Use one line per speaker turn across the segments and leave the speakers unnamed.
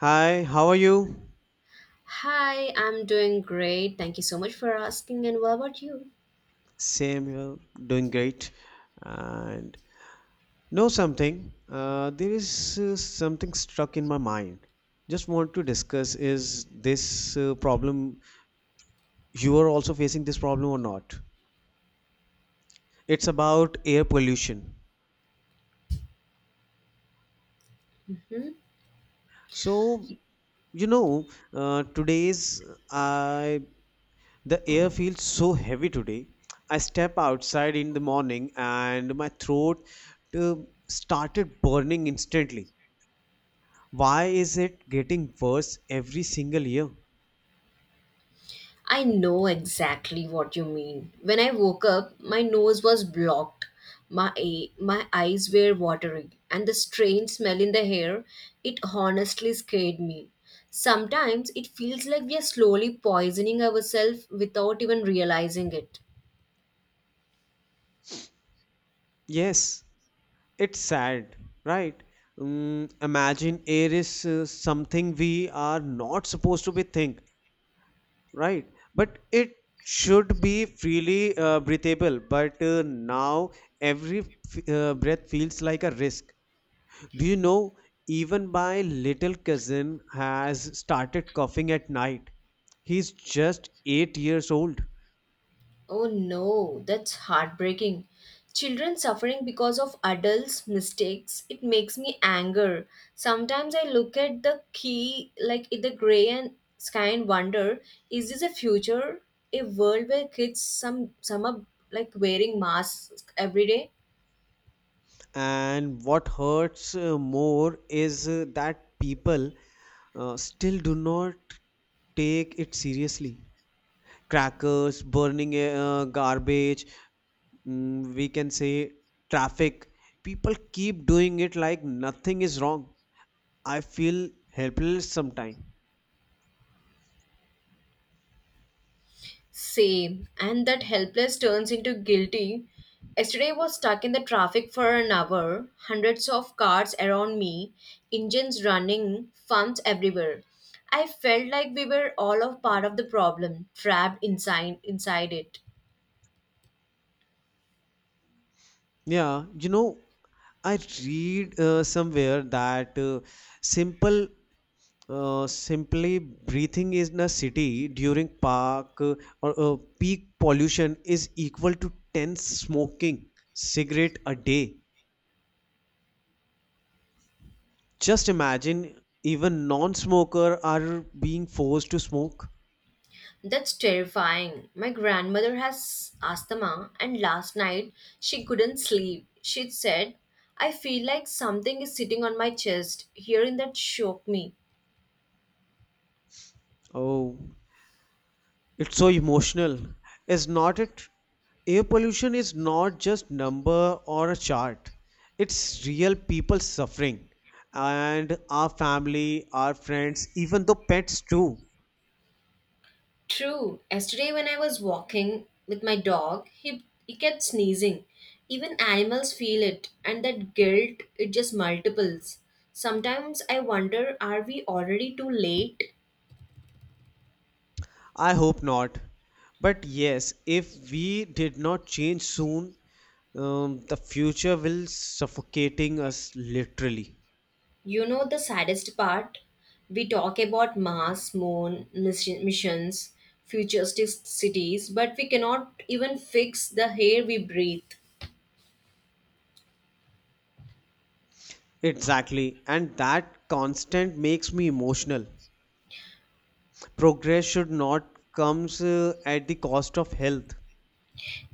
Hi, how are you?
Hi, I'm doing great. Thank you so much for asking. And what about you?
Samuel, doing great. And know something, there is something stuck in my mind. Just want to discuss is this problem, you are also facing this problem or not? It's about air pollution.
Hmm?
So, today's I the air feels so heavy today. I step outside in the morning and my throat uh, started burning instantly. Why is it getting worse every single year?
I know exactly what you mean. When I woke up, my nose was blocked. My eyes were watering, and the strange smell in the hair, it honestly scared me. Sometimes it feels like we are slowly poisoning ourselves without even realizing it.
Yes, it's sad, right? Imagine air is something we are not supposed to be think, right? But it should be freely breathable. But now every breath feels like a risk. Do you know? Even my little cousin has started coughing at night. He's just 8 years old.
Oh no, that's heartbreaking. Children suffering because of adults' mistakes, it makes me anger. Sometimes I look at the key, like in the gray and sky and wonder, is this a future? A world where kids some are like wearing masks every day?
And what hurts more is that people still do not take it seriously. Crackers, burning garbage, we can say traffic. People keep doing it like nothing is wrong. I feel helpless sometimes.
Same. And that helpless turns into guilty. Yesterday I was stuck in the traffic for an hour, hundreds of cars around me, engines running, fumes everywhere. I felt like we were all a part of the problem, trapped inside it.
Yeah, I read somewhere that simple simply breathing in a city during park or peak pollution is equal to 10 smoking cigarette a day. Just imagine even non-smoker are being forced to smoke.
That's terrifying. My grandmother has asthma, and last night she couldn't sleep. She said, I feel like something is sitting on my chest. Hearing that shook me.
Oh, it's so emotional. Is not it? Air pollution is not just number or a chart. It's real people suffering, and our family, our friends, even the pets too.
True. Yesterday, when I was walking with my dog, he kept sneezing. Even animals feel it, and that guilt, it just multiples. Sometimes I wonder, are we already too late?
I hope not. But yes, if we did not change soon, the future will suffocating us literally.
You know, the saddest part? We talk about Mars, Moon, missions, futuristic cities, but we cannot even fix the air we breathe.
Exactly, and that constant makes me emotional. Progress should not comes at the cost of health.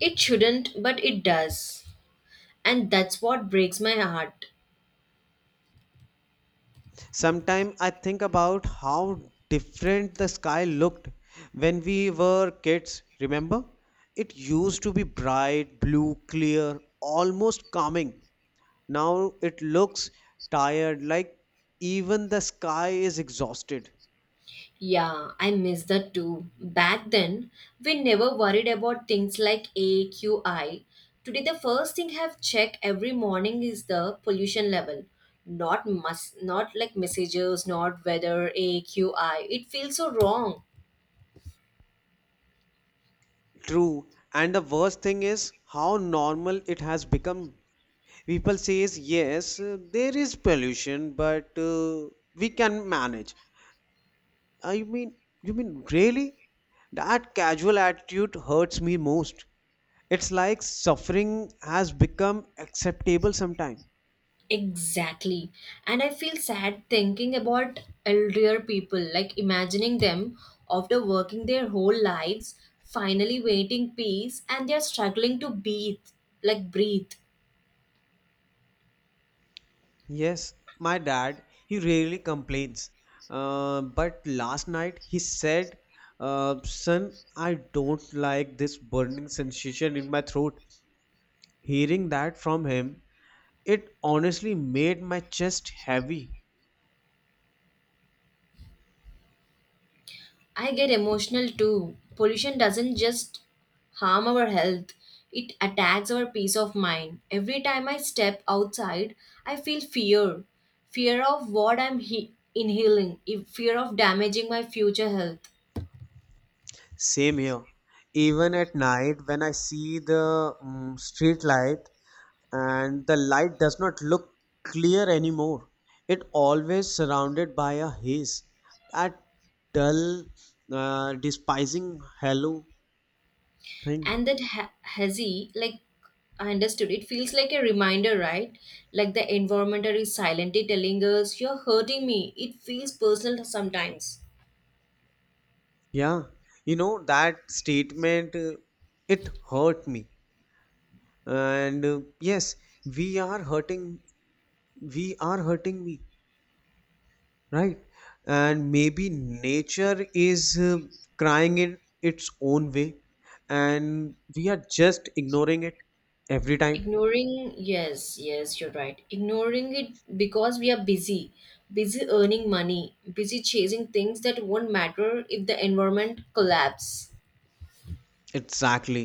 It shouldn't, but it does. And that's what breaks my heart.
Sometimes I think about how different the sky looked when we were kids. Remember, it used to be bright, blue, clear, almost calming. Now it looks tired, like even the sky is exhausted.
Yeah, I miss that too. Back then, we never worried about things like AQI. Today, the first thing I've checked every morning is the pollution level. Not must, not like messages, not weather, AQI. It feels so wrong.
True. And the worst thing is how normal it has become. People says yes, there is pollution, but we can manage. I mean, you mean really? That casual attitude hurts me most. It's like suffering has become acceptable sometime.
Exactly. And I feel sad thinking about elder people, like imagining them after working their whole lives, finally waiting peace, and they're struggling to breathe, like breathe.
Yes, my dad, he rarely complains. But last night he said, Son, I don't like this burning sensation in my throat. Hearing that from him, it honestly made my chest heavy.
I get emotional too. Pollution doesn't just harm our health, it attacks our peace of mind. Every time I step outside, I feel fear, of what I'm inhaling, fear of damaging my future health.
Same here. Even at night, when I see the street light and the light does not look clear anymore, it always surrounded by a haze. That dull, despising halo thing.
And that hazy, like I understood, it feels like a reminder, right? Like the environment is silently telling us, you're hurting me. It feels personal sometimes.
Yeah, you know that statement. It hurt me, and yes, we are hurting. We are hurting me, right? And maybe nature is crying in its own way, and we are just ignoring it every time.
Ignoring, yes, yes, you're right. Ignoring it because we are busy, busy earning money, busy chasing things that won't matter if the environment collapse.
Exactly.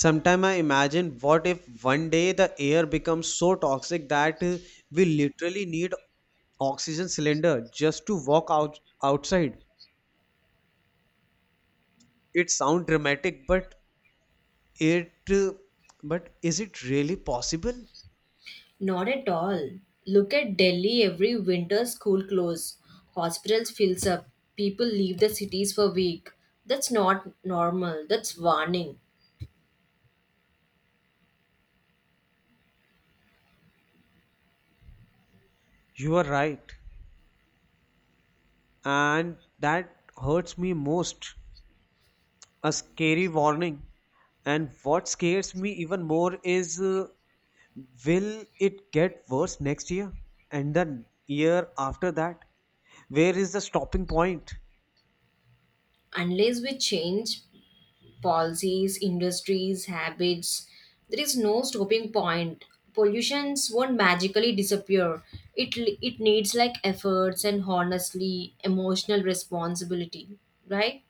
Sometime I imagine what if one day the air becomes so toxic that we literally need oxygen cylinder just to walk out outside. It sounds dramatic, it uh, but is it really possible?
Not at all. Look at Delhi every winter, school close, hospitals fills up, people leave the cities for week. That's not normal. That's warning.
You are right, and that hurts me most, a scary warning. And what scares me even more is, will it get worse next year and the year after that? Where is the stopping point?
Unless we change, policies, industries, habits. There is no stopping point. Pollutions won't magically disappear. It it needs like efforts and honestly emotional responsibility, right?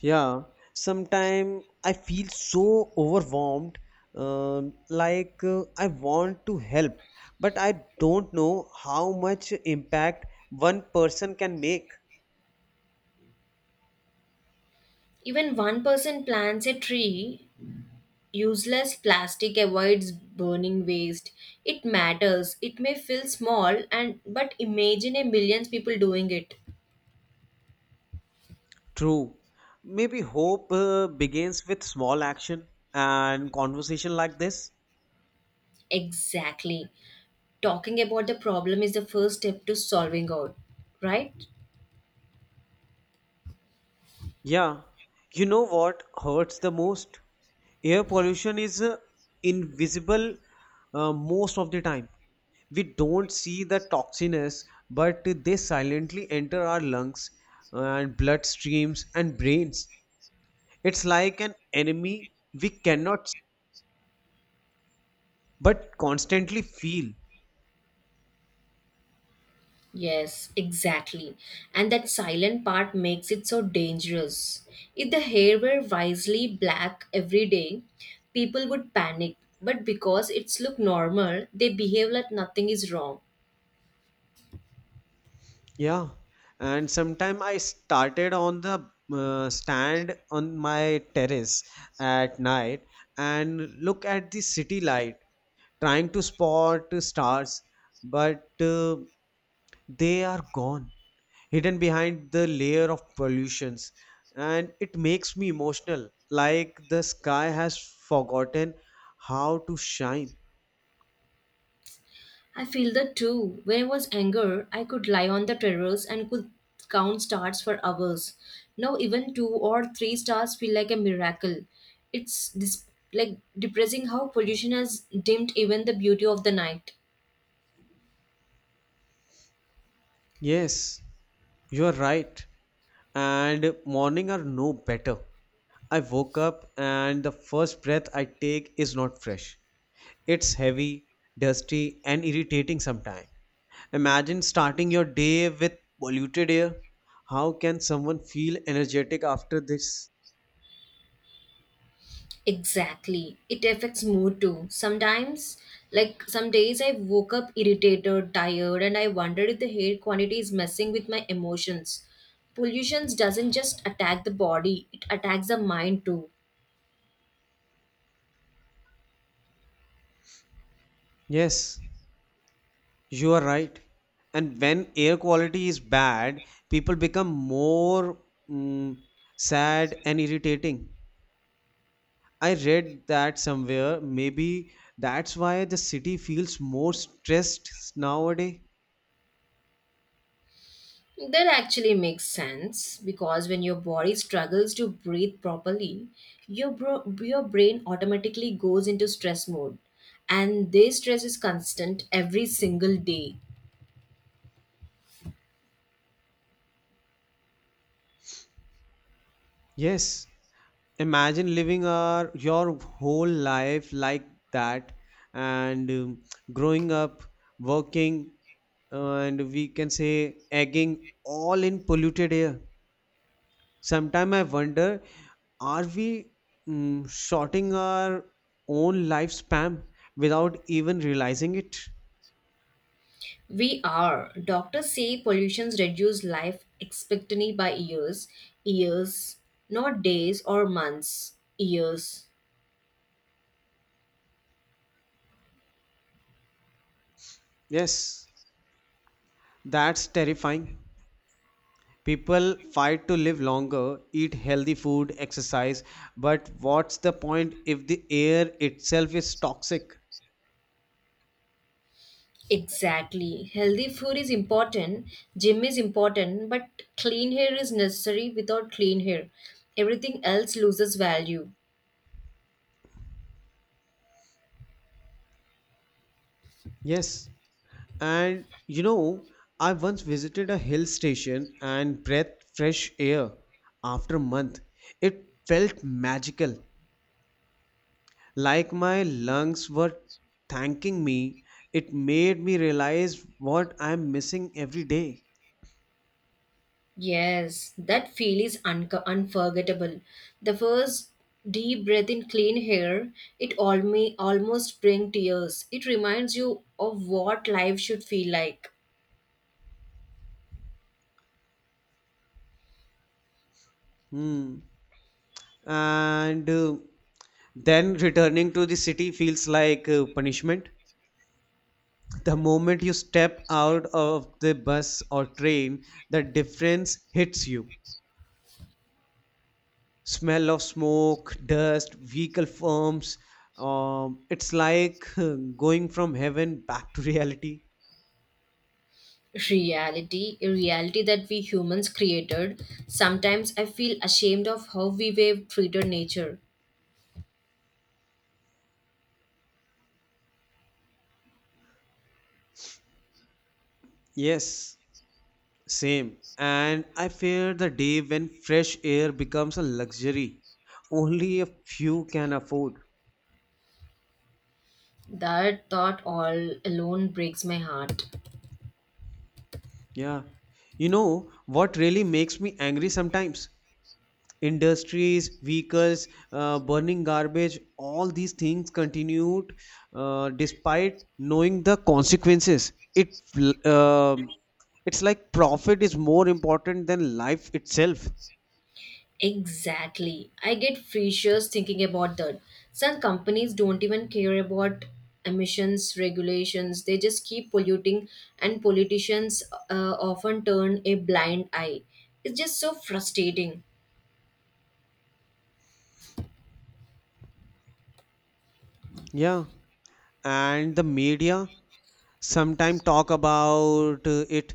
Yeah, sometimes I feel so overwhelmed, like I want to help, but I don't know how much impact one person can make.
Even one person plants a tree, useless plastic avoids burning waste. It matters. It may feel small and but imagine a millions people doing it.
True. Maybe hope begins with small action and conversation like this.
Exactly. Talking about the problem is the first step to solving out, right?
Yeah. You know what hurts the most? Air pollution is invisible most of the time. We don't see the toxins, but they silently enter our lungs and bloodstreams and brains. It's like an enemy we cannot but constantly feel.
Yes, exactly. And that silent part makes it so dangerous. If the hair were wisely black every day, people would panic. But because it's look normal, they behave like nothing is wrong.
Yeah, and sometime I started on the stand on my terrace at night and look at the city light, trying to spot stars, but they are gone, hidden behind the layer of pollutions, and it makes me emotional, like the sky has forgotten how to shine.
I feel that too. When I was younger, I could lie on the terrace and could count stars for hours. Now even two or three stars feel like a miracle. It's like depressing how pollution has dimmed even the beauty of the night.
Yes, you're right. And morning are no better. I woke up and the first breath I take is not fresh. It's heavy, dusty, and irritating sometimes. Imagine starting your day with polluted air. How can someone feel energetic after this?
Exactly. It affects mood too. Sometimes, like some days, I woke up irritated, tired, and I wondered if the hair quantity is messing with my emotions. Pollution doesn't just attack the body, it attacks the mind too.
Yes, you are right. And when air quality is bad, people become more mm, sad and irritating. I read that somewhere. Maybe that's why the city feels more stressed nowadays.
That actually makes sense because when your body struggles to breathe properly, your brain automatically goes into stress mode. And this stress is constant every single day.
Yes, imagine living your whole life like that, and growing up, working, and we can say egging all in polluted air. Sometimes I wonder, are we shorting our own lifespan without even realizing it?
We are. Doctors say pollutions reduce life expectancy by years. Years, not days or months. Years.
Yes. That's terrifying. People fight to live longer, eat healthy food, exercise, but what's the point if the air itself is toxic?
Exactly. Healthy food is important, gym is important, but clean hair is necessary without clean hair. Everything else loses value.
Yes, and I once visited a hill station and breathed fresh air after a month. It felt magical, like my lungs were thanking me. It made me realize what I'm missing every day.
Yes, that feel is unforgettable. The first deep breath in clean air, it almost brings tears. It reminds you of what life should feel like.
Hmm. And Then returning to the city feels like punishment. The moment you step out of the bus or train, the difference hits you. Smell of smoke, dust, vehicle fumes. It's like going from heaven back to reality.
Reality, a reality that we humans created. Sometimes I feel ashamed of how we have treated nature.
Yes, same. And I fear the day when fresh air becomes a luxury only a few can afford.
That thought all alone breaks my heart.
Yeah. You know what really makes me angry sometimes? Industries, vehicles, burning garbage, all these things continued despite knowing the consequences. It uh, it's like profit is more important than life itself.
Exactly. I get freshers thinking about that. Some companies don't even care about emissions regulations, they just keep polluting, and politicians often turn a blind eye. It's just so frustrating.
Yeah, and the media sometimes talk about it,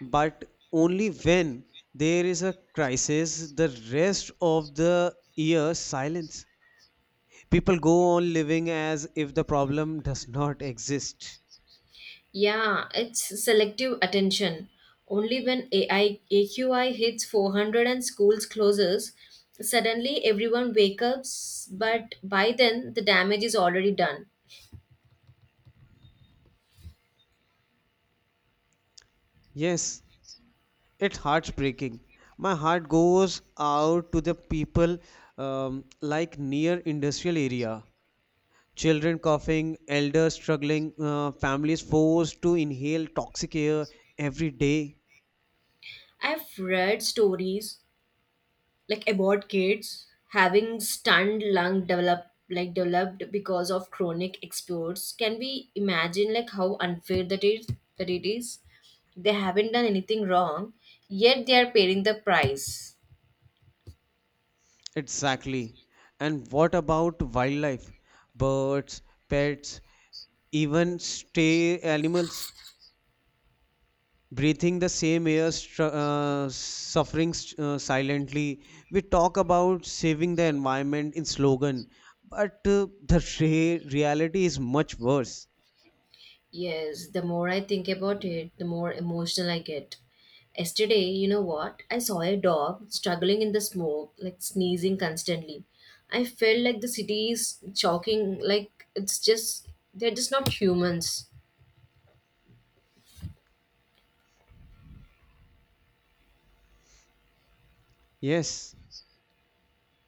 but only when there is a crisis. The rest of the year, silence. People go on living as if the problem does not exist.
Yeah, it's selective attention. Only when AI AQI hits 400 and schools closes, suddenly everyone wakes up, but by then the damage is already done.
Yes, it's heartbreaking. My heart goes out to the people, like near industrial area. Children coughing, elders struggling, families forced to inhale toxic air every day.
I've read stories like about kids having stunned lung develop like developed because of chronic exposures. Can we imagine like how unfair that is, that it is, they haven't done anything wrong, yet they are paying the price.
Exactly. And what about wildlife? Birds, pets, even stray animals breathing the same air, suffering silently. We talk about saving the environment in slogan, but the reality is much worse.
Yes, the more I think about it, the more emotional I get. Yesterday, you know what, I saw a dog struggling in the smoke, like sneezing constantly. I felt like the city is choking, like it's just, they're just not humans.
Yes,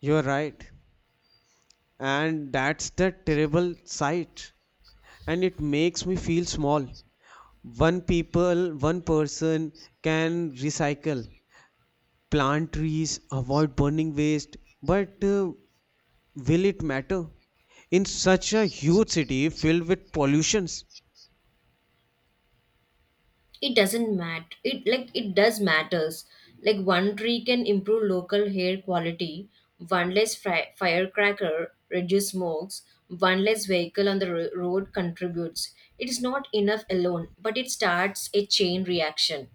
you're right. And that's the terrible sight. And it makes me feel small. One person can recycle, plant trees, avoid burning waste, but will it matter? In such a huge city filled with pollutions,
It doesn't matter, it like it does matters, like one tree can improve local air quality, one less firecracker reduce smokes, one less vehicle on the road contributes. It is not enough alone, but it starts a chain reaction.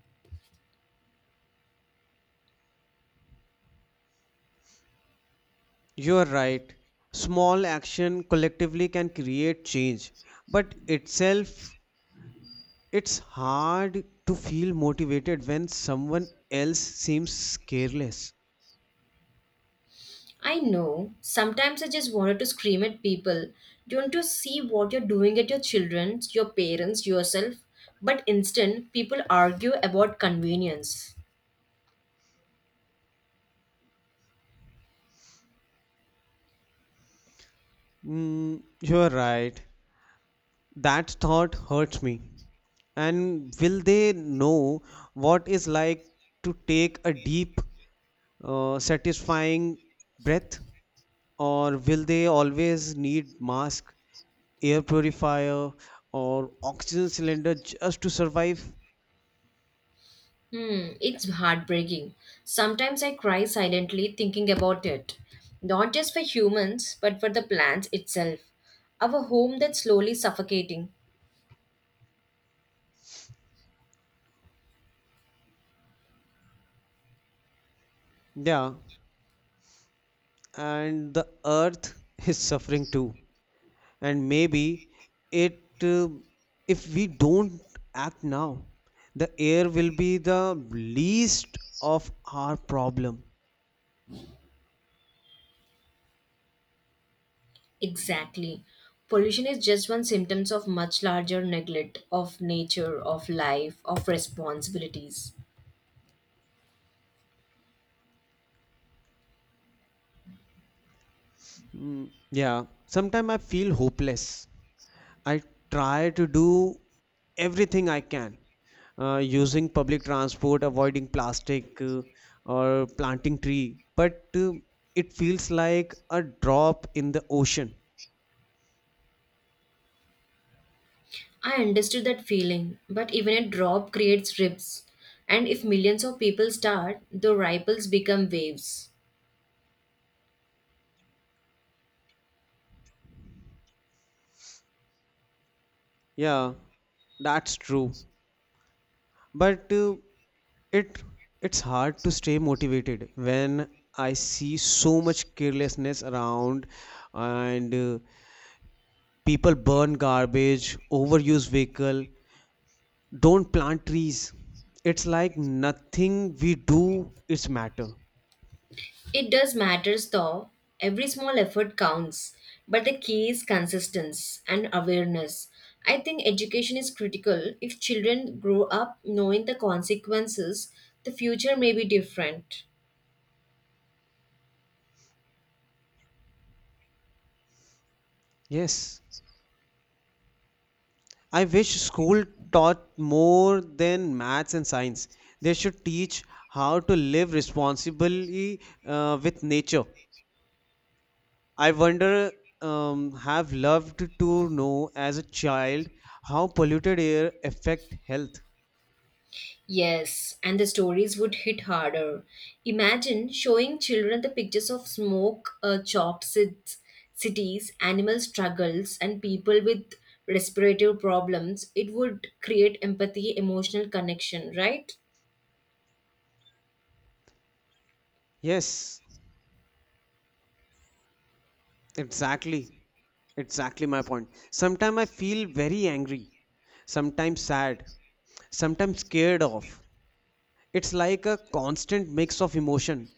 you are right. Small action collectively can create change, but itself, it's hard to feel motivated when someone else seems careless.
I know, sometimes I just wanted to scream at people, don't you see what you're doing at your children's, your parents, yourself? But instead people argue about convenience.
You are right. That thought hurts me. And will they know what is like to take a deep, satisfying breath? Or will they always need mask, air purifier, or oxygen cylinder just to survive?
Hmm, it's heartbreaking. Sometimes I cry silently thinking about it. Not just for humans, but for the plants itself. Our home that's slowly suffocating.
Yeah, and the earth is suffering too. And maybe, it if we don't act now, the air will be the least of our problem.
Exactly. Pollution is just one symptom of much larger neglect of nature, of life, of responsibilities.
Mm, yeah, sometimes I feel hopeless. I try to do everything I can, using public transport, avoiding plastic, or planting tree. But it feels like a drop in the ocean.
I understood that feeling, but even a drop creates ribs. And if millions of people start, the ripples become waves.
Yeah, that's true. But it it's hard to stay motivated when I see so much carelessness around, and people burn garbage, overuse vehicle, don't plant trees. It's like nothing we do is matter.
It does matters though. Every small effort counts, but the key is consistency and awareness. I think education is critical. If children grow up knowing the consequences, the future may be different.
Yes. I wish school taught more than maths and science. They should teach how to live responsibly with nature. I wonder, have loved to know as a child how polluted air affect health.
Yes, and the stories would hit harder. Imagine showing children the pictures of smoke, chalked cities, animal struggles, and people with respiratory problems. It would create empathy, emotional connection, right?
Yes, exactly. Exactly my point. Sometimes I feel very angry, sometimes sad, sometimes scared of. It's like a constant mix of emotion.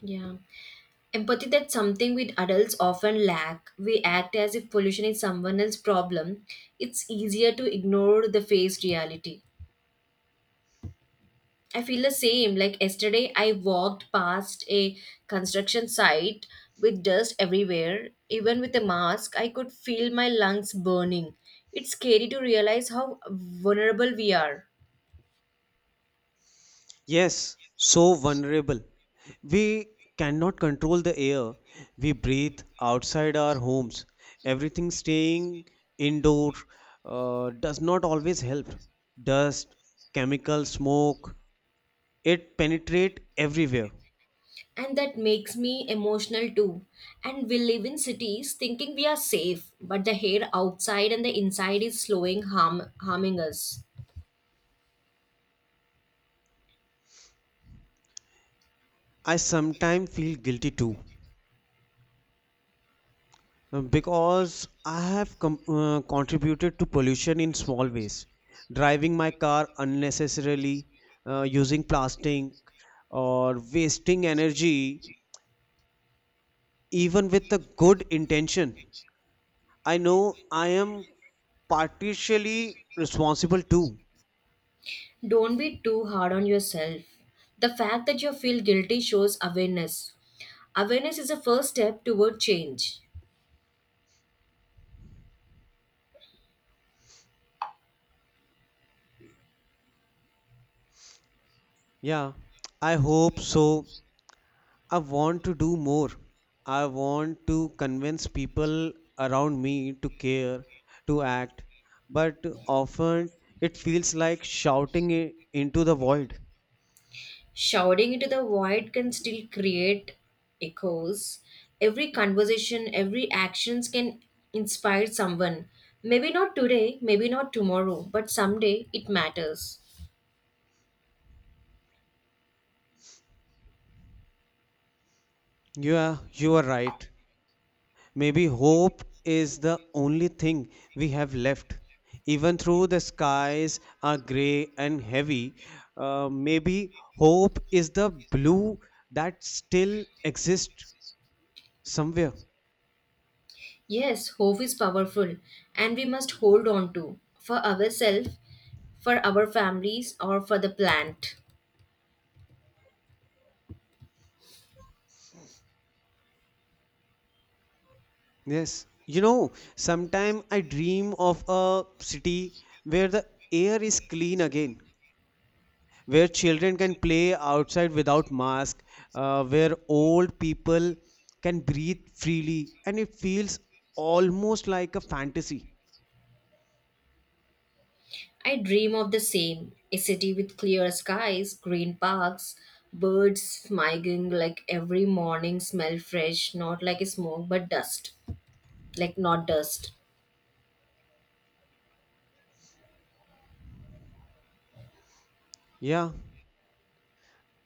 Yeah. Empathy, that's something we adults often lack. We act as if pollution is someone else's problem. It's easier to ignore the face reality. I feel the same. Like yesterday, I walked past a construction site with dust everywhere. Even with a mask, I could feel my lungs burning. It's scary to realize how vulnerable we are.
Yes, so vulnerable. We cannot control the air we breathe outside our homes. Everything staying indoor does not always help. Dust, chemical smoke, it penetrate everywhere.
And that makes me emotional too, and we live in cities thinking we are safe, but the air outside and the inside is slowing harming us.
I sometimes feel guilty too. Because I have contributed to pollution in small ways, driving my car unnecessarily, using plastic, or wasting energy, even with a good intention. I know I am partially responsible too.
Don't be too hard on yourself. The fact that you feel guilty shows awareness. Awareness is a first step toward change.
Yeah, I hope so. I want to do more. I want to convince people around me to care, to act, but often it feels like shouting into the void.
Shouting into the void can still create echoes. Every conversation, every actions can inspire someone, maybe not today, maybe not tomorrow, but someday, it matters.
Yeah, you are right. Maybe hope is the only thing we have left. Even though the skies are grey and heavy, maybe hope is the blue that still exists somewhere.
Yes, hope is powerful, and we must hold on to for ourselves, for our families, or for the plant.
Yes, sometime I dream of a city where the air is clean again, where children can play outside without mask, where old people can breathe freely, and it feels almost like a fantasy.
I dream of the same, a city with clear skies, green parks, birds smiling like every morning, smell fresh, not like smoke but dust, like not dust.
Yeah,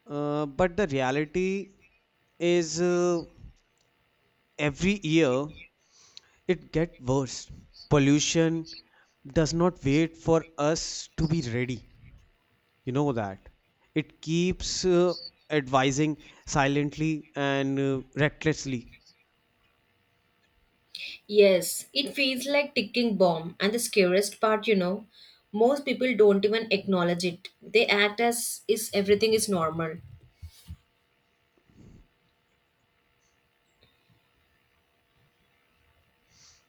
but the reality is every year it gets worse. Pollution does not wait for us to be ready, you know that. It keeps advising silently and recklessly.
Yes, it feels like ticking bomb, and the scariest part, you know, most people don't even acknowledge it. They act as is everything is normal.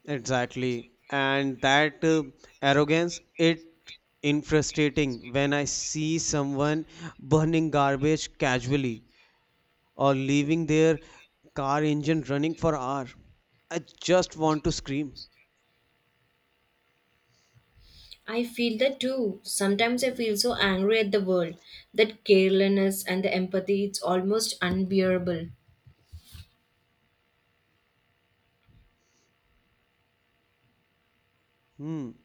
Exactly, and that arrogance, it infuriating. When I see someone burning garbage casually or leaving their car engine running for hour, I just want to scream.
I feel that too. Sometimes I feel so angry at the world, that carelessness and the empathy, it's almost unbearable.
hmm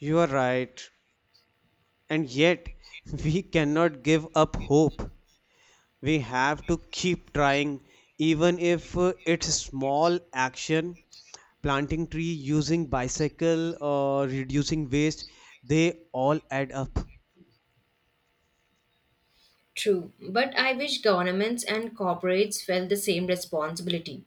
you are right, and yet we cannot give up hope. We have to keep trying, even if it's small action. Planting tree, using bicycle, or reducing waste, they all add up.
True, but I wish governments and corporates felt the same responsibility.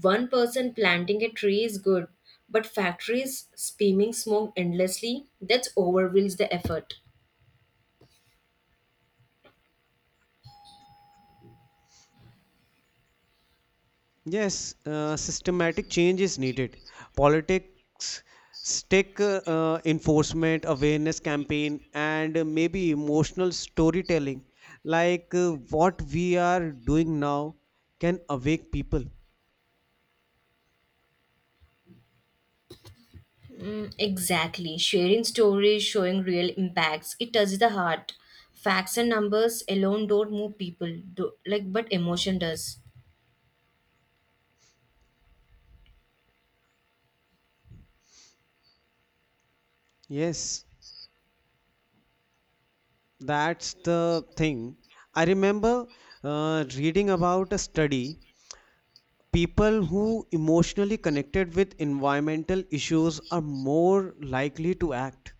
One person planting a tree is good, but factories spewing smoke endlessly, that overwhelms the effort.
Yes, systematic change is needed. Politics stick, enforcement, awareness campaign, and maybe emotional storytelling, like what we are doing now, can awake people.
Mm, exactly. Sharing stories, showing real impacts, it touches the heart. Facts and numbers alone don't move people, do, like but emotion does.
Yes, that's the thing. I remember reading about a study. People who emotionally connected with environmental issues are more likely to act.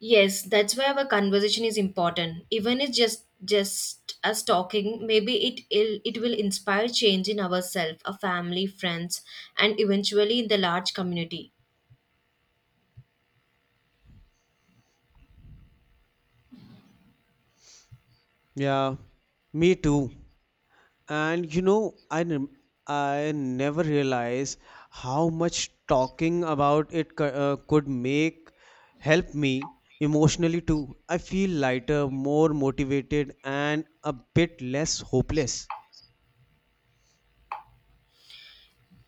Yes, that's why our conversation is important. Even it's just us talking, maybe it will inspire change in ourselves, our family, friends, and eventually in the large community.
Yeah, me too. And I never realized how much talking about it could make help me emotionally too. I feel lighter, more motivated, and a bit less hopeless.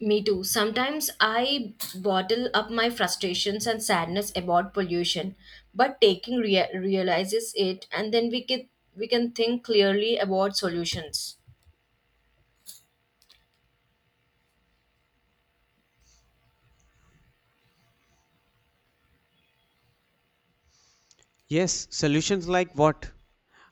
Me too. Sometimes I bottle up my frustrations and sadness about pollution, but taking realizes it, and then we can think clearly about solutions.
Yes, solutions like what?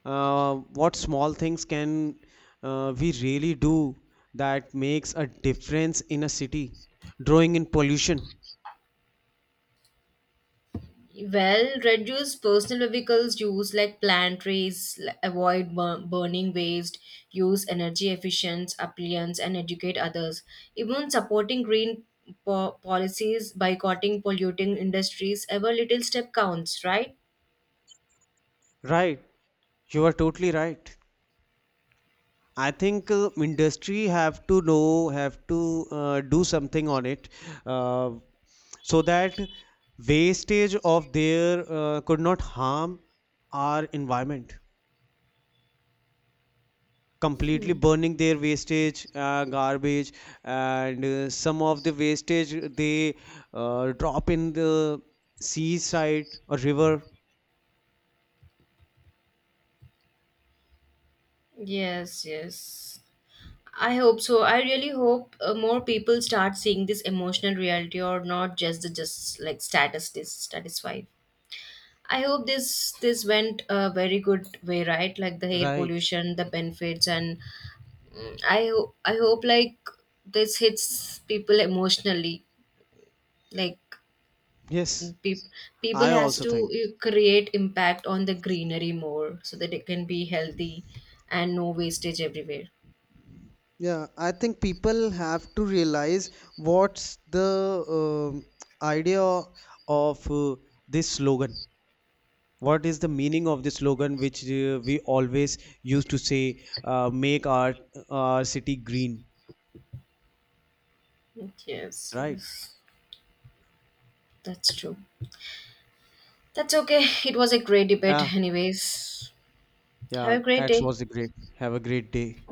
What small things can we really do that makes a difference in a city? Drawing in pollution.
Well, reduce personal vehicles use like plant trees, avoid burning waste, use energy efficient appliances, and educate others. Even supporting green policies, boycotting polluting industries, every little step counts, right?
Right, you are totally right. I think industry have to know, have to do something on it, uh, so that wastage of their could not harm our environment. Completely burning their wastage garbage, and some of the wastage they drop in the seaside or river.
Yes, yes. I hope so. I really hope more people start seeing this emotional reality or not just the just like statistics, satisfied. I hope this went a very good way, right? Like the air
Right.
pollution, the benefits, and mm, I hope like this hits people emotionally. Like
Yes,
pe- people
I
has
also
to
think.
create impact on the greenery more so that it can be healthy and no wastage everywhere.
Yeah, I think people have to realize what's the um idea of this slogan, what is the meaning of this slogan which we always used to say, make our city green,
Yes,
right?
yes, that's true. That's okay. It was a great debate, anyways.
Yeah,
Have a great
that
day.
was great. Have a great day.